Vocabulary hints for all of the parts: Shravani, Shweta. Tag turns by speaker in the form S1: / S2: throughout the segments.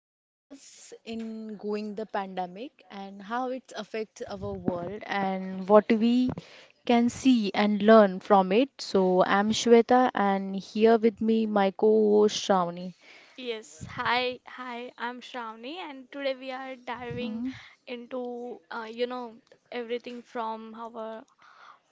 S1: We discuss in going the pandemic and how it affects our world and what we can see and learn from it. So I'm Shweta and here with me my co-host Shravani.
S2: Yes, hi, I'm Shravani, and today we are diving into, everything from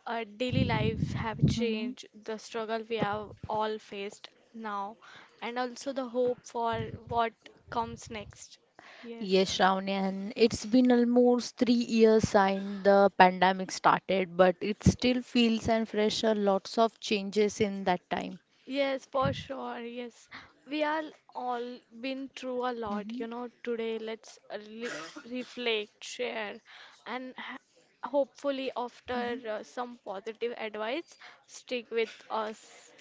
S2: our daily lives have
S1: Hmm.
S2: changed, the struggle we have all faced now, and also the hope for what comes next. Yes.
S1: Yes, Shravani, and it's been almost 3 years since the pandemic started, but it still feels and fresh are lots of changes in that time.
S2: Yes, for sure. Yes, we are all been through a lot, you know. Today, let's re reflect, share, and ha hopefully, after some positive advice, stick with us.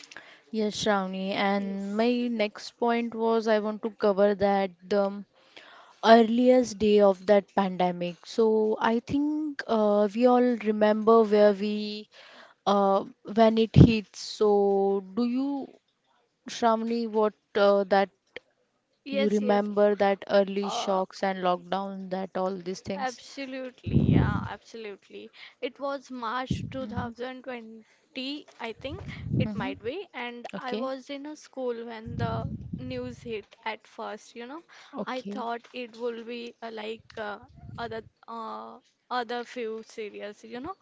S1: Yes, Shravani. And
S2: Yes,
S1: my next point was I want to cover that the earliest day of that pandemic. So I think we all remember where we uh, when it hits. So do you, Shravani, what that you
S2: yes, yes.
S1: remember that early
S2: Uh,
S1: shocks and lockdown that all these things?
S2: Absolutely, yeah, absolutely. It was March
S1: Mm-hmm.
S2: 2020, I think it
S1: Mm-hmm.
S2: might be, and I
S1: Okay.
S2: was in a school when the news hit at first, you know. I
S1: Okay.
S2: thought it would be like other uh, other few series, you know.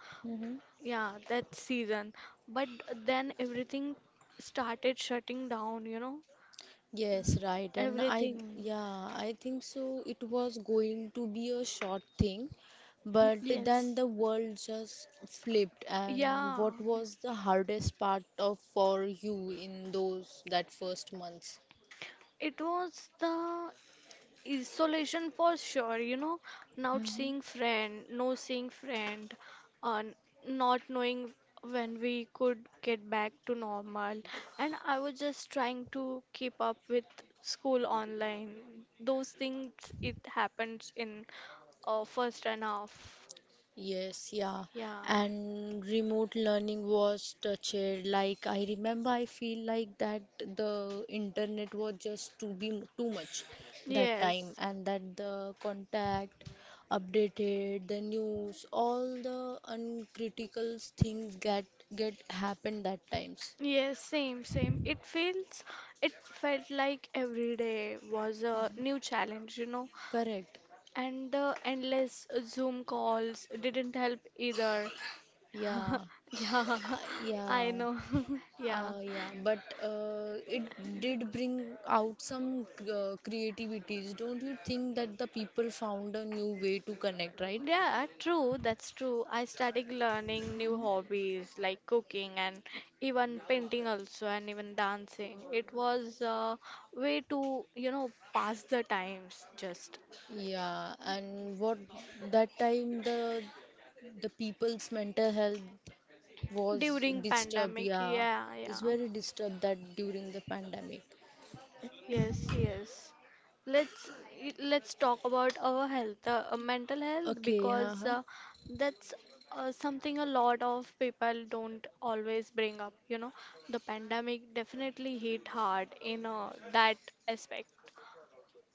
S2: Yeah, that season. But then everything started shutting down, you know.
S1: Yes, right. And I,
S2: Everything.
S1: yeah, I think so. It was going to be a short thing, but then
S2: Yes.
S1: the world just flipped. And
S2: Yeah,
S1: what was the hardest part of for you in those that first months?
S2: it was the isolation for sure, you know, not seeing friend, no seeing friend, uh, not knowing when we could get back to normal. And I was just trying to keep up with school online. Those things, it happens in first and half.
S1: Yes, yeah.
S2: Yeah.
S1: And remote learning was touched. Like I remember, I feel like that the internet was just too much that time,
S2: Yes.
S1: and that the contact updated, the news, all the uncritical things get happened that times.
S2: Yes, same. It felt like every day was a new challenge, you know.
S1: Correct.
S2: And the endless Zoom calls didn't help either.
S1: Yeah.
S2: Yeah,
S1: I- Yeah.
S2: I know. Yeah.
S1: Yeah, but it did bring out some creativities. Don't you think that the people found a new way to connect, right?
S2: Yeah, true, that's true. I started learning new hobbies like cooking and even painting also and even dancing. It was a way to, pass the times just
S1: Yeah, and what that time the people's mental health was
S2: during
S1: disturbed.
S2: pandemic.
S1: Yeah,
S2: Yeah,
S1: it's
S2: yeah.
S1: very disturbed that during the pandemic.
S2: Yes, yes. Let's let's talk about our health, mental health,
S1: Okay,
S2: because
S1: haha.
S2: that's something a lot of people don't always bring up. You know, the pandemic definitely hit hard in that aspect.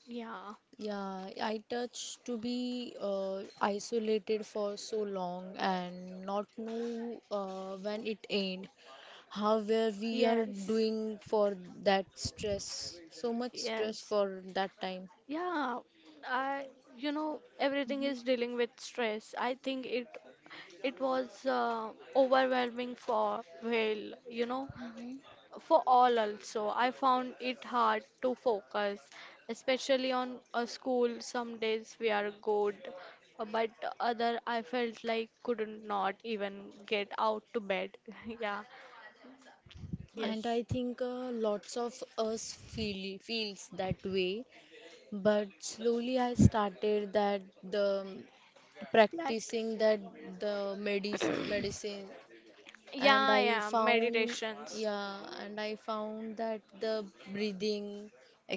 S2: Yeah.
S1: Yeah, I touched to be isolated for so long and not know when it end. How where we are
S2: Yes.
S1: doing for that stress, so much stress
S2: Yes.
S1: for that time.
S2: Yeah. I, you know, everything is dealing with stress. I think it was overwhelming for Will, you know. For all also, I found it hard to focus, especially on a school. Some days we are good, but other I felt like couldn't not even get out to bed. Yeah,
S1: And I
S2: yes.
S1: think lots of us feel feels that way, but slowly I started that the practicing
S2: Practice.
S1: that the medis medicine. And
S2: Yeah,
S1: I
S2: yeah,
S1: found,
S2: meditations.
S1: yeah, and I found that the breathing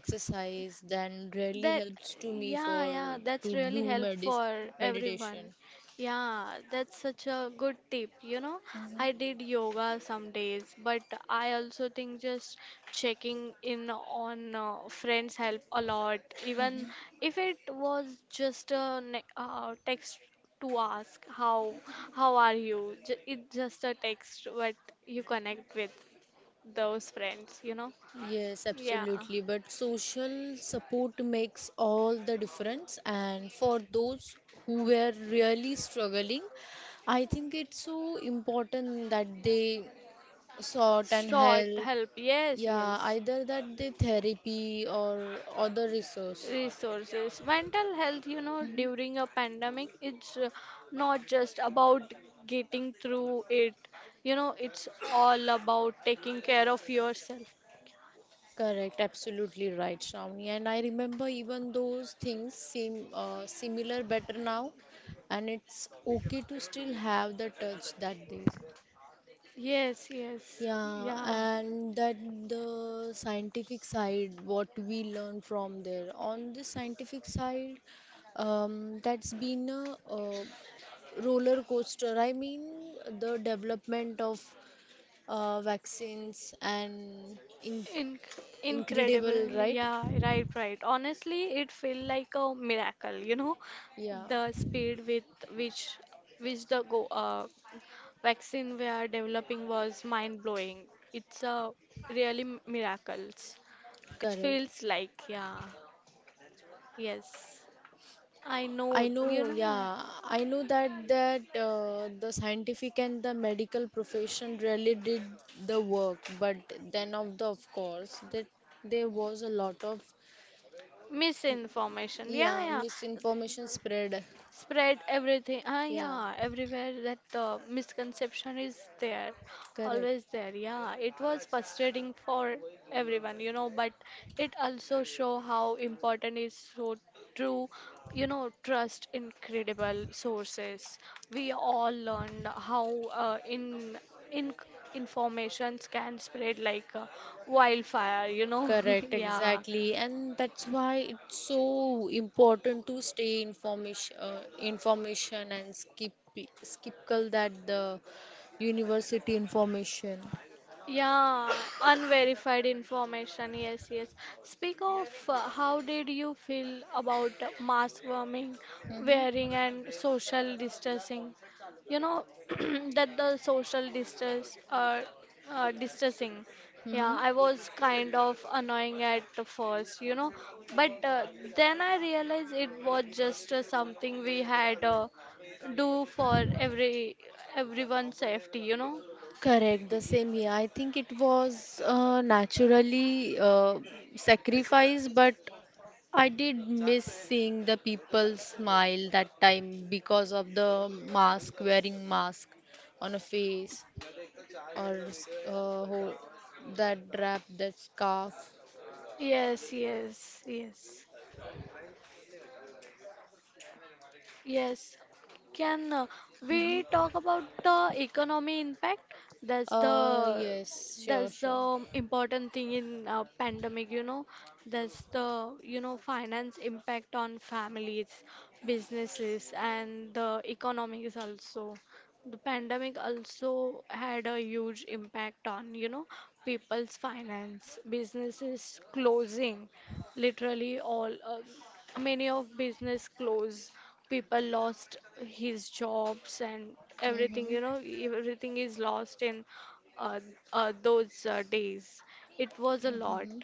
S1: exercise then really
S2: That,
S1: helps to me
S2: yeah,
S1: for
S2: yeah, that's
S1: to
S2: really
S1: do
S2: help
S1: medis
S2: for everyone.
S1: meditation.
S2: Yeah, that's such a good tip. You know, I did yoga some days, but I also think just checking in on friends help a lot, even if it was just a text to ask how are you. It's just a text, but you connect with those friends, you know.
S1: Yes,
S2: Yeah,
S1: absolutely. But social support makes all the difference. And for those who were really struggling, I think it's so important that they sought and
S2: short
S1: help.
S2: help. Yes,
S1: Yeah,
S2: yes.
S1: either that they therapy or other resource.
S2: Resources mental health, you know,
S1: Mhm.
S2: during a pandemic, it's not just about getting through it, you know. It's all about taking care of yourself.
S1: Correct, absolutely right, Shravani. And I remember even those things seem similar better now, and it's okay to still have the touch that day.
S2: Yes, yes,
S1: Yeah,
S2: yeah.
S1: and that the scientific side, what we learn from there. On the scientific side, that's been a, roller coaster. I mean, the development of vaccines and in
S2: In-
S1: incredible,
S2: Incredibly,
S1: right?
S2: yeah, right, right. Honestly, it felt like a miracle, you know,
S1: Yeah,
S2: the speed with which the go vaccine we are developing was mind blowing. It's a really miracles. It
S1: correct.
S2: feels like, yeah, yes. I know,
S1: I
S2: you
S1: know,
S2: know,
S1: yeah, I know that that the scientific and the medical profession really did the work, but then of the of course that there was a lot of
S2: misinformation. Yeah,
S1: yeah
S2: yeah.
S1: misinformation spread.
S2: Spread everything, ah,
S1: Yeah,
S2: yeah, everywhere, that misconception is there,
S1: correct.
S2: always there. Yeah, it was frustrating for everyone, you know, but it also show how important is, so true, you know, trust in credible sources. We all learned how in informations can spread like wildfire, you know.
S1: Correct,
S2: yeah
S1: exactly, and that's why it's so important to stay information, information and skip that the university information.
S2: Yeah, unverified information. Yes, yes. Speak of how did you feel about mask warming,
S1: Mm-hmm.
S2: wearing, and social distancing? You know, that the social distance, distancing. Yeah,
S1: Mm-hmm.
S2: I was kind of annoying at the first, you know, but then I realized it was just something we had do for everyone's safety, you know.
S1: Correct, the same here. I think it was naturally sacrifice, but I did miss seeing the people smile that time because of the mask, wearing mask on a face or whole, that wrap, that scarf.
S2: Yes, yes, yes, yes. Can we
S1: Mhm.
S2: talk about the economy impact? That's the
S1: Yes, sure,
S2: that's the
S1: sure.
S2: important thing in pandemic, you know. That's the, you know, finance impact on families, businesses, and the economies also. The pandemic also had a huge impact on, you know, people's finance, businesses closing, literally all, many of business closed. People lost his jobs and everything,
S1: Hmm.
S2: you know, everything is lost in uh, those days. It was a lot.
S1: Hmm.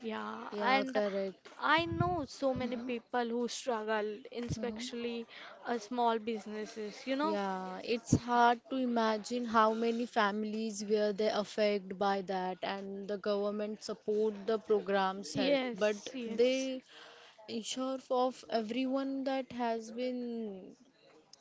S2: Yeah,
S1: Yeah,
S2: and
S1: correct.
S2: I know so many
S1: Hmm.
S2: people who struggle,
S1: Hmm.
S2: especially small businesses, you know?
S1: Yeah, it's hard to imagine how many families were they affected by that, and the government support the programs help, but
S2: Yes, yes.
S1: they ensure of everyone that has been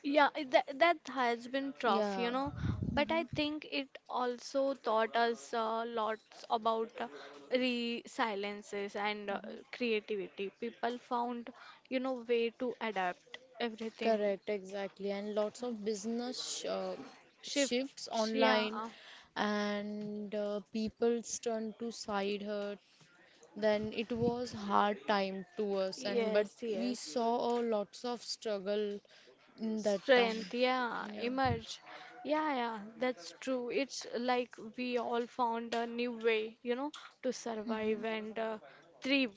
S2: Yeah, that that has been tough, you
S1: yeah,
S2: know, but I think it also taught us lots about resiliences and creativity. People found, you know, way to adapt everything,
S1: correct, exactly. And lots of business
S2: shifts.
S1: shifts online
S2: Yeah,
S1: and people's turn to side hurt, then it was hard time to us, and but
S2: yes,
S1: we
S2: yes.
S1: saw a lots of struggle in that time,
S2: Strength, yeah,
S1: yeah.
S2: emerge. Yeah, yeah, that's true. It's like we all found a new way, you know, to
S1: Mhm,
S2: survive and thrive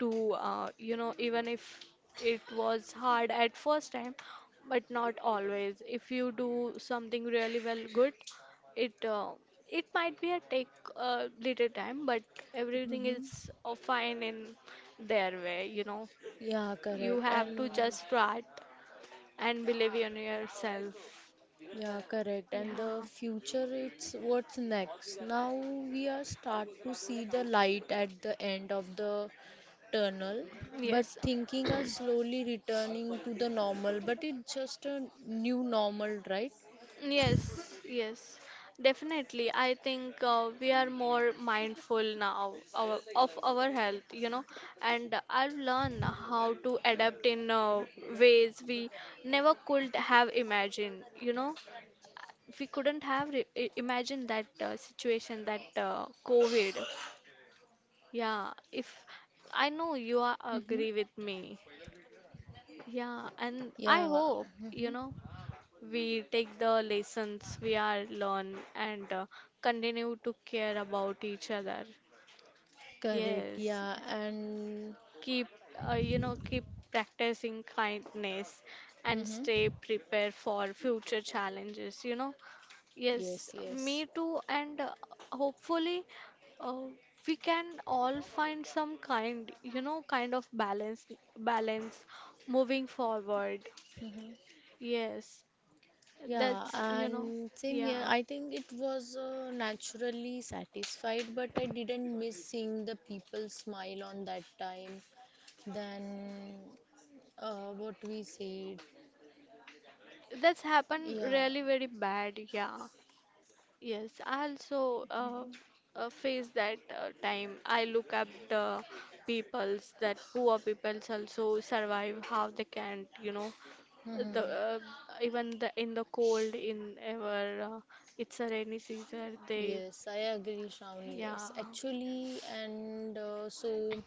S2: to, you know, even if it was hard at first time, but not always. If you do something really well, good, it uh, it might be a take little time, but everything
S1: mhm.
S2: is fine in their way, you know.
S1: Yeah,
S2: You
S1: correct. And
S2: have to just start and believe in yourself.
S1: yeah, correct. And the
S2: Yeah.
S1: future, it's what's next. Now we are start to see the light at the end of the tunnel, but
S2: Yes.
S1: thinking are slowly returning to the normal. But it's just a new normal, right?
S2: Yes. Yes. Definitely. I think we are more mindful now of our health, you know, and I've learned how to adapt in ways we never could have imagined, you know. We couldn't have imagined that situation, that COVID. Yeah, if I know you are
S1: Hmm.
S2: agree with me. Yeah, and I
S1: Yeah.
S2: hope,
S1: Mm-hmm.
S2: you know, we take the lessons we are learn and continue to care about each other.
S1: Correct,
S2: Yes,
S1: yeah, and
S2: keep, you know, keep practicing kindness and
S1: hmm
S2: stay prepared for future challenges, you know. Yes,
S1: yes, yes,
S2: me too, and hopefully uh, we can all find some kind, you know, kind of balance moving forward. Yes.
S1: yeah,
S2: That's, you know,
S1: and same here.
S2: yeah.
S1: I think it was naturally satisfied, but I didn't miss seeing the people smile on that time. Then, what we said,
S2: That's happened
S1: yeah,
S2: really very bad. Yeah. Yes. I also face that time. I look up the peoples that poor peoples also survive how they can, you know,
S1: hmm
S2: the even the in the cold in ever it's a rainy season they,
S1: yes, I agree, Shravani.
S2: yeah.
S1: Yes, actually, and so.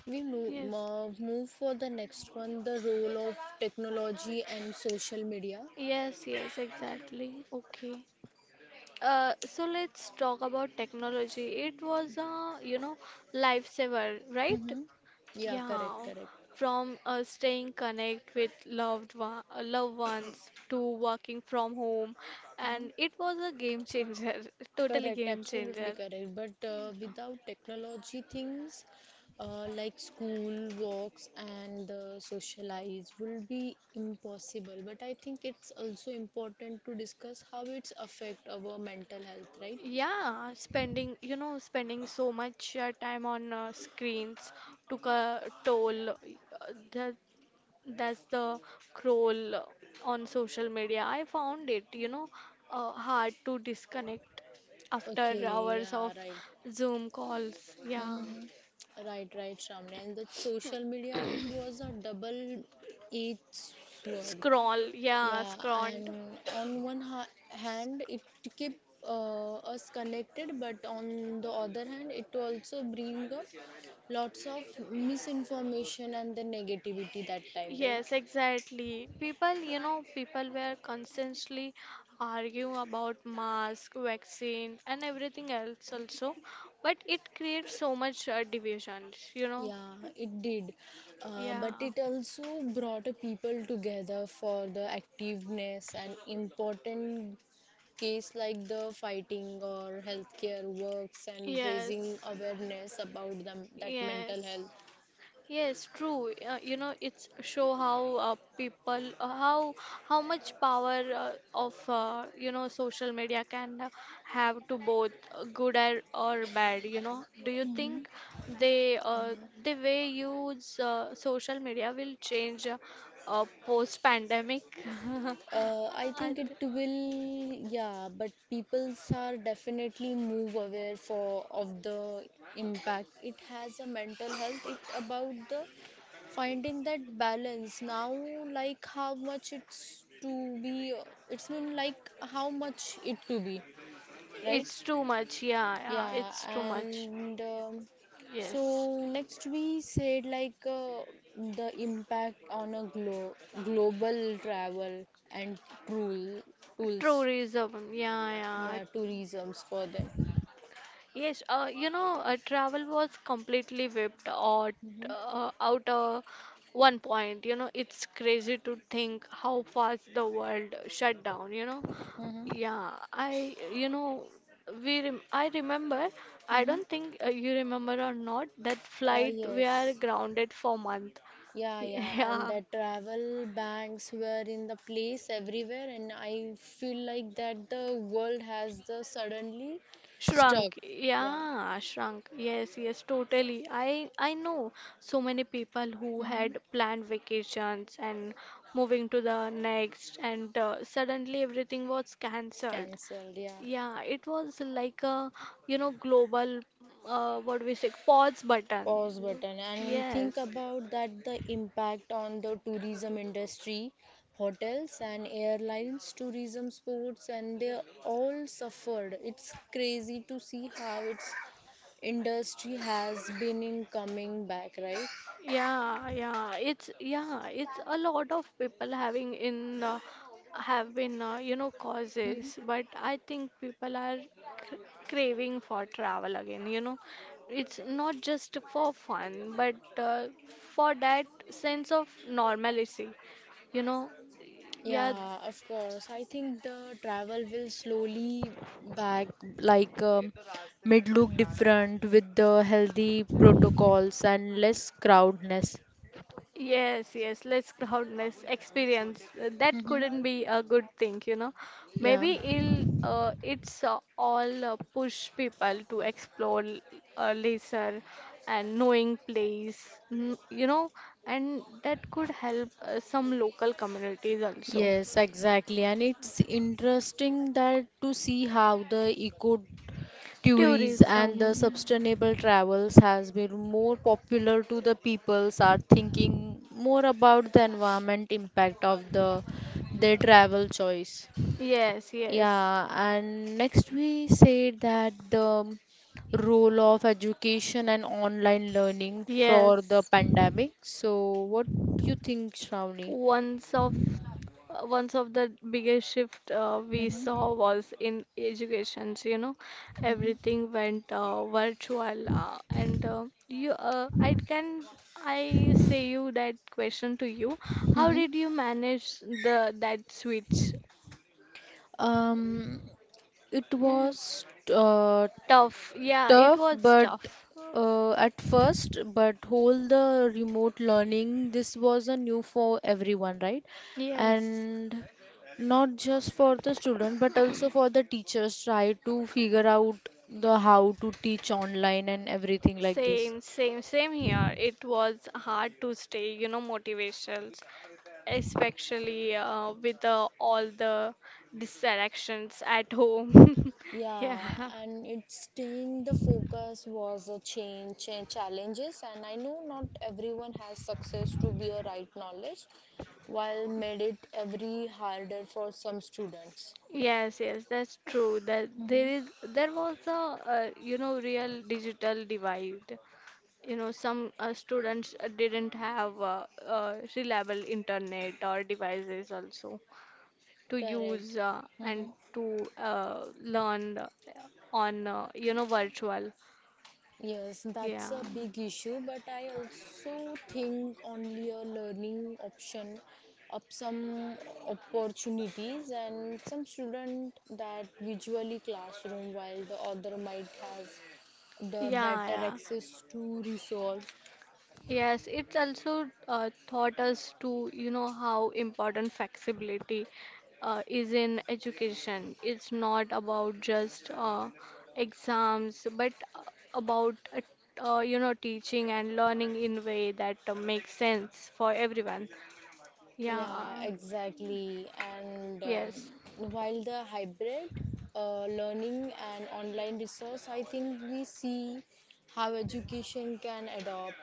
S1: We move,
S2: Yes,
S1: move for the next one, the role of technology and social media.
S2: yes, yes, exactly, okay. So let's talk about technology. It was a, you know, lifesaver, right?
S1: Mm-hmm. Yeah, correct,
S2: Yeah.
S1: correct.
S2: From staying connect with loved ones to working from home,
S1: Mm-hmm.
S2: and it was a game changer, totally
S1: Correct,
S2: game
S1: absolutely
S2: changer.
S1: correct. But without technology, things like school, walks, and socialize will be impossible. But I think it's also important to discuss how it's affect our mental health, right?
S2: Yeah, spending so much time on screens took a toll. The That's the crawl on social media. I found it, you know, hard to disconnect after
S1: Okay,
S2: hours
S1: yeah,
S2: of
S1: right.
S2: Zoom calls. Yeah.
S1: Hmm. Right, right, Shramya. And the social media, it was a double-edged sword.
S2: Scroll. Yeah,
S1: Yeah,
S2: scrolled.
S1: and on one ha hand, it keep us connected, but on the other hand, it also bring up lots of misinformation and the negativity that time, right?
S2: Yes, exactly. People were constantly arguing about mask, vaccine, and everything else also, but it creates so much divisions, you know.
S1: Yeah, it did. But
S2: Yeah.
S1: it also brought a people together for the activeness and important case like the fighting or healthcare works and
S2: Yes.
S1: raising awareness about them that mental
S2: Yes.
S1: health.
S2: Yes, true. You know, it's show how how much power of you know social media can have to both good or bad. You know, do you
S1: Hmm.
S2: think they
S1: Uh.
S2: the way use social media will change post pandemic?
S1: I
S2: I
S1: think it
S2: th
S1: will, yeah, but peoples are definitely move aware for of the impact it has a mental health. It about the finding that balance now, like how much it's to be, it's mean like how much it to be, right?
S2: It's too much. Yeah, yeah,
S1: Yeah,
S2: it's too much.
S1: and
S2: Yes.
S1: so next we said like the impact on a global travel and tool tools,
S2: Tourism, yeah, yeah.
S1: yeah, tourisms for them.
S2: Yes, you know, travel was completely wiped
S1: Mm-hmm.
S2: out one point. You know, it's crazy to think how fast the world shut down. You know,
S1: Mm-hmm.
S2: yeah, I, you know, we, rem I remember. I
S1: Mm-hmm.
S2: don't think you remember or not that flight we are
S1: Yes.
S2: grounded for month.
S1: Yeah, yeah, and
S2: Yeah,
S1: the travel banks were in the place everywhere, and I feel like that the world has the suddenly stuck.
S2: shrunk,
S1: Yeah.
S2: yeah, shrunk. Yes, yes, totally. I know so many people who
S1: Mm-hmm.
S2: had planned vacations and moving to the next, and suddenly everything was cancelled.
S1: Cancelled. Yeah.
S2: Yeah, it was like a, you know, global what we say pause button.
S1: Pause button, and think
S2: Yes.
S1: about that the impact on the tourism industry, hotels and airlines, tourism sports, and they all suffered. It's crazy to see how its industry has been in coming back, right?
S2: Yeah, it's a lot of people having in have been, you know,
S1: Mhm.
S2: causes, but I think people are cr craving for travel again. You know, it's not just for fun, but for that sense of normalcy. You know, yeah.
S1: Yeah, of course. I think the travel will slowly back like mid look different with the healthy protocols and less crowdness.
S2: Yes, yes, less crowdness experience. That
S1: Hmm.
S2: couldn't be a good thing, you know.
S1: Yeah.
S2: Maybe it'll, it's all push people to explore lesser and knowing place, mm, you know, and that could help some local communities also.
S1: Yes, exactly. And it's interesting that to see how the eco tourism and the
S2: Tourism.
S1: sustainable travels has been more popular to the peoples are thinking more about the environment impact of the their travel choice.
S2: Yes, yes,
S1: Yeah, and next we said that the role of education and online learning for the
S2: yes.
S1: pandemic. So what do you think, Shravani?
S2: Once of once of the biggest shift we
S1: Mm-hmm.
S2: saw was in education. So, you know, everything went virtual, and you. I can I say you that question to you. How did you manage the that switch?
S1: Um, it
S2: Yeah.
S1: was uh,
S2: Tough. Yeah, it
S1: tough,
S2: was
S1: but
S2: tough.
S1: at first, but whole the remote learning, this was a new for everyone, right?
S2: Yes.
S1: And not just for the student, but also for the teachers, try to figure out the how to teach online and everything like this.
S2: Same here. It was hard to stay, you know, motivational, especially with all the distractions at home.
S1: Yeah,
S2: Yeah.
S1: and it's staying the focus was a change and challenges. And I know not everyone has success to be a right knowledge, while made it every harder for some students.
S2: Yes, yes, that's true. That
S1: Hmm.
S2: there was a, you know, real digital divide. You know, some students didn't have reliable internet or devices also to
S1: Correct.
S2: use and
S1: Hmm.
S2: to learn on, you know, virtual.
S1: Yes,
S2: Yeah,
S1: that's a big issue, but I also think only a learning option up some opportunities and some student that visually classroom, while the other might has the
S2: yeah,
S1: better
S2: yeah.
S1: access to resource.
S2: Yes, it's also taught us to, you know, how important flexibility is in education. It's not about just exams, but about, you know, teaching and learning in way that makes sense for everyone. Yeah,
S1: Yeah, exactly. And
S2: yes,
S1: while the hybrid learning and online resource, I think we see how education can adopt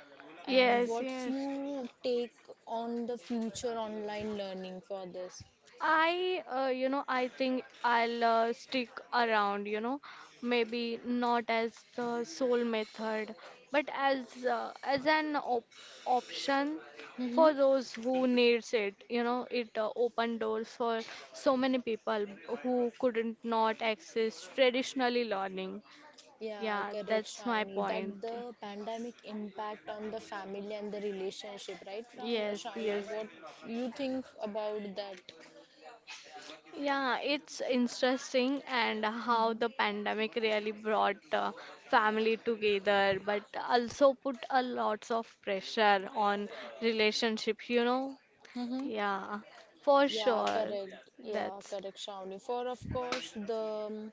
S1: and
S2: yes,
S1: what's
S2: yes.
S1: you take on the future online learning for this.
S2: I think I'll stick around, maybe not as the sole method, but as an op option
S1: Mm-hmm.
S2: for those who needs it. You know, it opened doors for so many people who couldn't not access traditionally learning.
S1: Yeah,
S2: Yeah,
S1: correct,
S2: that's my
S1: Shravani.
S2: point.
S1: That the pandemic impact on the family and the relationship, right,
S2: Yes, yes.
S1: Shravani? What you think about that?
S2: Yeah, it's interesting and how the
S1: Mm-hmm.
S2: pandemic really brought family together, but also put a lots of pressure on relationships, you know?
S1: Mm-hmm.
S2: Yeah, for
S1: Yeah,
S2: sure.
S1: correct. Yeah,
S2: That's
S1: correct, Shravani. For of course, the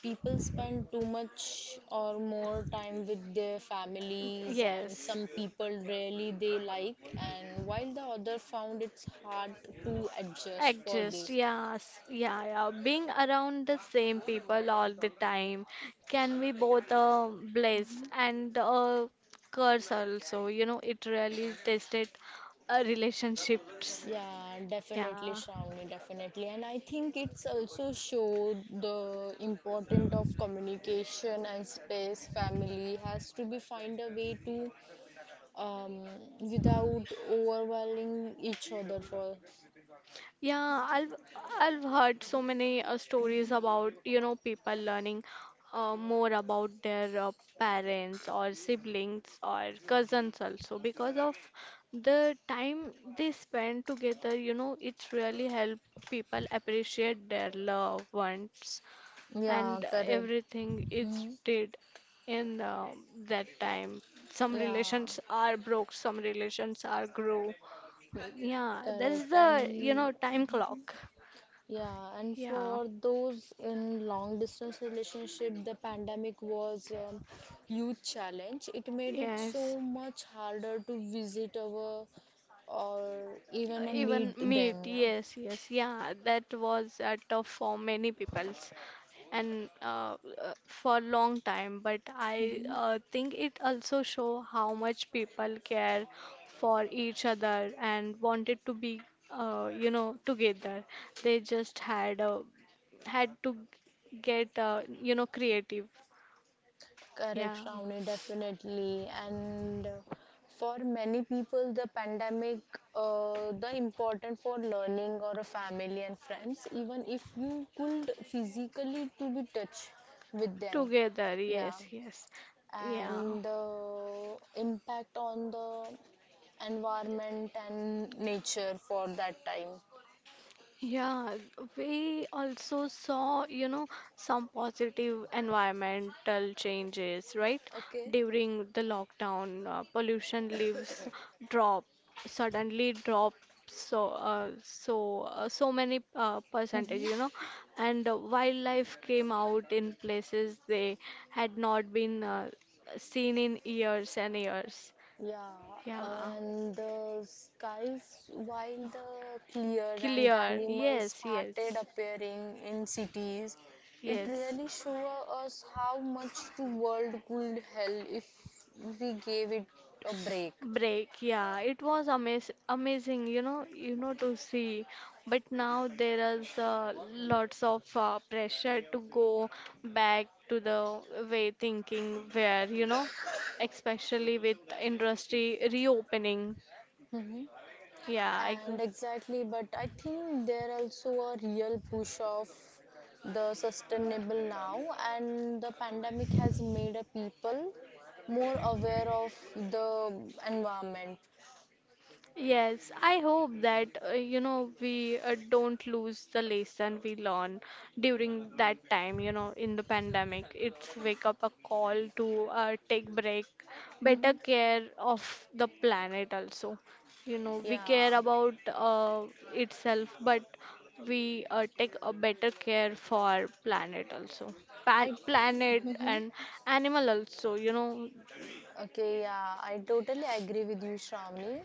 S1: people spend too much or more time with their families, and
S2: yes.
S1: some people really they like, and while the other found it's hard to adjust for
S2: Adjust,
S1: this.
S2: yes, yeah, yeah. Being around the same people all the time can be both a bliss and a curse also. You know, it really tested relationships.
S1: Yeah, definitely,
S2: Yeah.
S1: Shravani, definitely. And I think it's also showed the importance of communication and space. Family has to be find a way to um, without overwhelming each other for
S2: Yeah, I've heard so many stories about, people learning more about their parents or siblings or cousins also because of the time they spend together, it's really help people appreciate their loved ones
S1: yeah,
S2: and
S1: correct.
S2: everything is
S1: Hmm.
S2: did in that time. Some
S1: Yeah,
S2: relations are broke, some relations are grow. Yeah, that's
S1: correct.
S2: the
S1: And
S2: time clock.
S1: yeah, and
S2: Yeah,
S1: for those in long distance relationship, the pandemic was huge challenge. It made it so
S2: yes.
S1: much harder to visit our or even
S2: Even
S1: meet them,
S2: meat,
S1: yeah.
S2: yes, yes, yeah, that was tough for many peoples and for long time. But I think it also show how much people care for each other and wanted to be, together. They just had to get, creative.
S1: Correct,
S2: Yeah,
S1: Shravani, definitely. And for many people, the pandemic, the important for learning or a family and friends, even if you could physically to be touch with them.
S2: together.
S1: Yeah.
S2: Yes, yes, yeah.
S1: And the impact on the environment and nature for that time.
S2: Yeah, we also saw, you know, some positive environmental changes, right?
S1: Okay.
S2: During the lockdown, pollution leaves drop suddenly drop so many percentage, you know, and wildlife came out in places they had not been seen in years and years.
S1: Yeah,
S2: Yeah,
S1: and the skies, while the clear and the
S2: clear.
S1: animals
S2: Yes,
S1: started
S2: yes,
S1: appearing in cities, it
S2: yes.
S1: really showed us how much the world could help if we gave it a break.
S2: Break, yeah, it was amazing, you know, to see. But now there is lots of pressure to go back to the way thinking where you know, especially with industry reopening.
S1: Hmm.
S2: Yeah,
S1: And
S2: exactly.
S1: exactly, but I think there also a real push of the sustainable now, and the pandemic has made a people more aware of the environment.
S2: Yes, I hope that you know we don't lose the lesson we learn during that time, you know, in the pandemic. It's wake up a call to take break, better
S1: Mhm.
S2: care of the planet also. You know, we
S1: Yeah,
S2: care about itself, but we take a better care for planet also. Pan
S1: I
S2: planet
S1: mhm.
S2: and animal also, you know.
S1: Okay. Yeah, I totally agree with you, Shravani.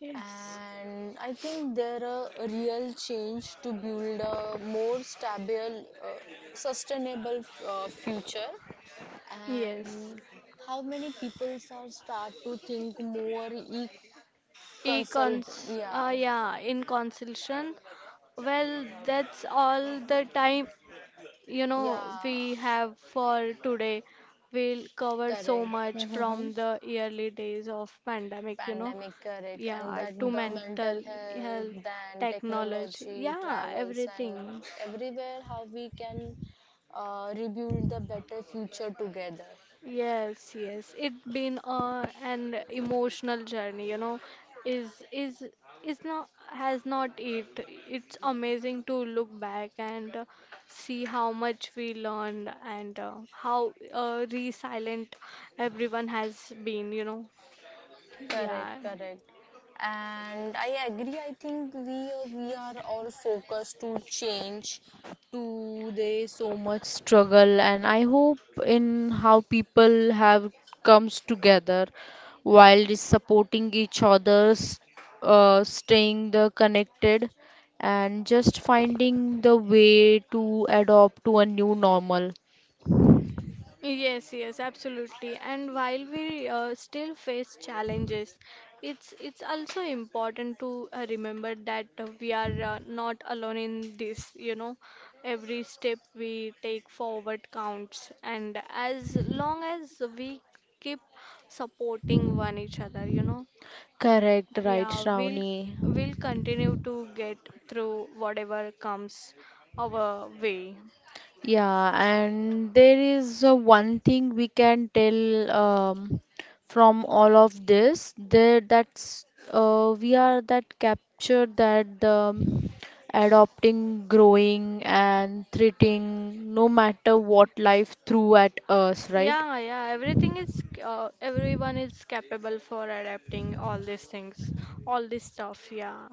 S2: Yes.
S1: And I think there are a real change to build a more stable, uh, sustainable future.
S2: Yes.
S1: And how many people are start to think more e-consult?
S2: Econs,
S1: Yeah,
S2: yeah, in consultation. Well, that's all the time, you know,
S1: yeah,
S2: we have for today. We'll cover so
S1: correct.
S2: much from the early days of pandemic, you know.
S1: Pandemic correct, and
S2: Yeah,
S1: that
S2: to
S1: the mental
S2: mental
S1: health,
S2: health,
S1: then
S2: technology,
S1: technology,
S2: yeah,
S1: travels, and
S2: everything.
S1: everywhere, how we can rebuild the better future together.
S2: Yes, yes. It's been an emotional journey, you know. Is is is not has not it. It's amazing to look back and see how much we learned and how resilient everyone has been, you know.
S1: Correct,
S2: Yeah.
S1: correct. And I agree, I think we are all focused to change to the so much struggle, and I hope in how people have comes together while is supporting each other's, staying the connected and just finding the way to adopt to a new normal.
S2: Yes, yes, absolutely. And while we still face challenges, it's also important to remember that we are not alone in this, you know. Every step we take forward counts, and as long as we keep supporting one each other, you know,
S1: Correct, right,
S2: yeah, we'll
S1: Shravani.
S2: we'll continue to get through whatever comes our way.
S1: Yeah, and there is one thing we can tell from all of this, there that's we are that capture that the adopting, growing, and treating no matter what life threw at us, right?
S2: Yeah, yeah, everything is, everyone is capable for adapting all these things, all this stuff, yeah.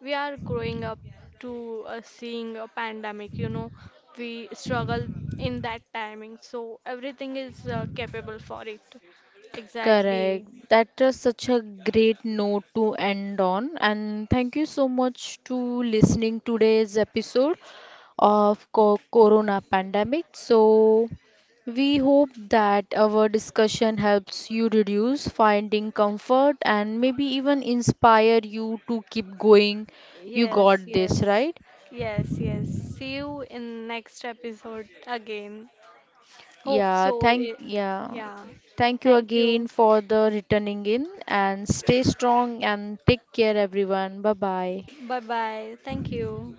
S2: We are growing up to seeing a pandemic, you know, we struggle in that timing, so everything is capable for it.
S1: Correct.
S2: Exactly.
S1: That is such a great note to end on. And thank you so much to listening today's episode of Corona pandemic. So we hope that our discussion helps you reduce finding comfort and maybe even inspire you to keep going. You
S2: Yes,
S1: got this,
S2: yes,
S1: right?
S2: yes, yes. See you in next episode again. Hope so. It.
S1: Yeah.
S2: Yeah.
S1: Thank you
S2: Thank
S1: again
S2: you.
S1: for the returning in and stay strong and take care everyone. Bye bye.
S2: Bye bye. Thank you.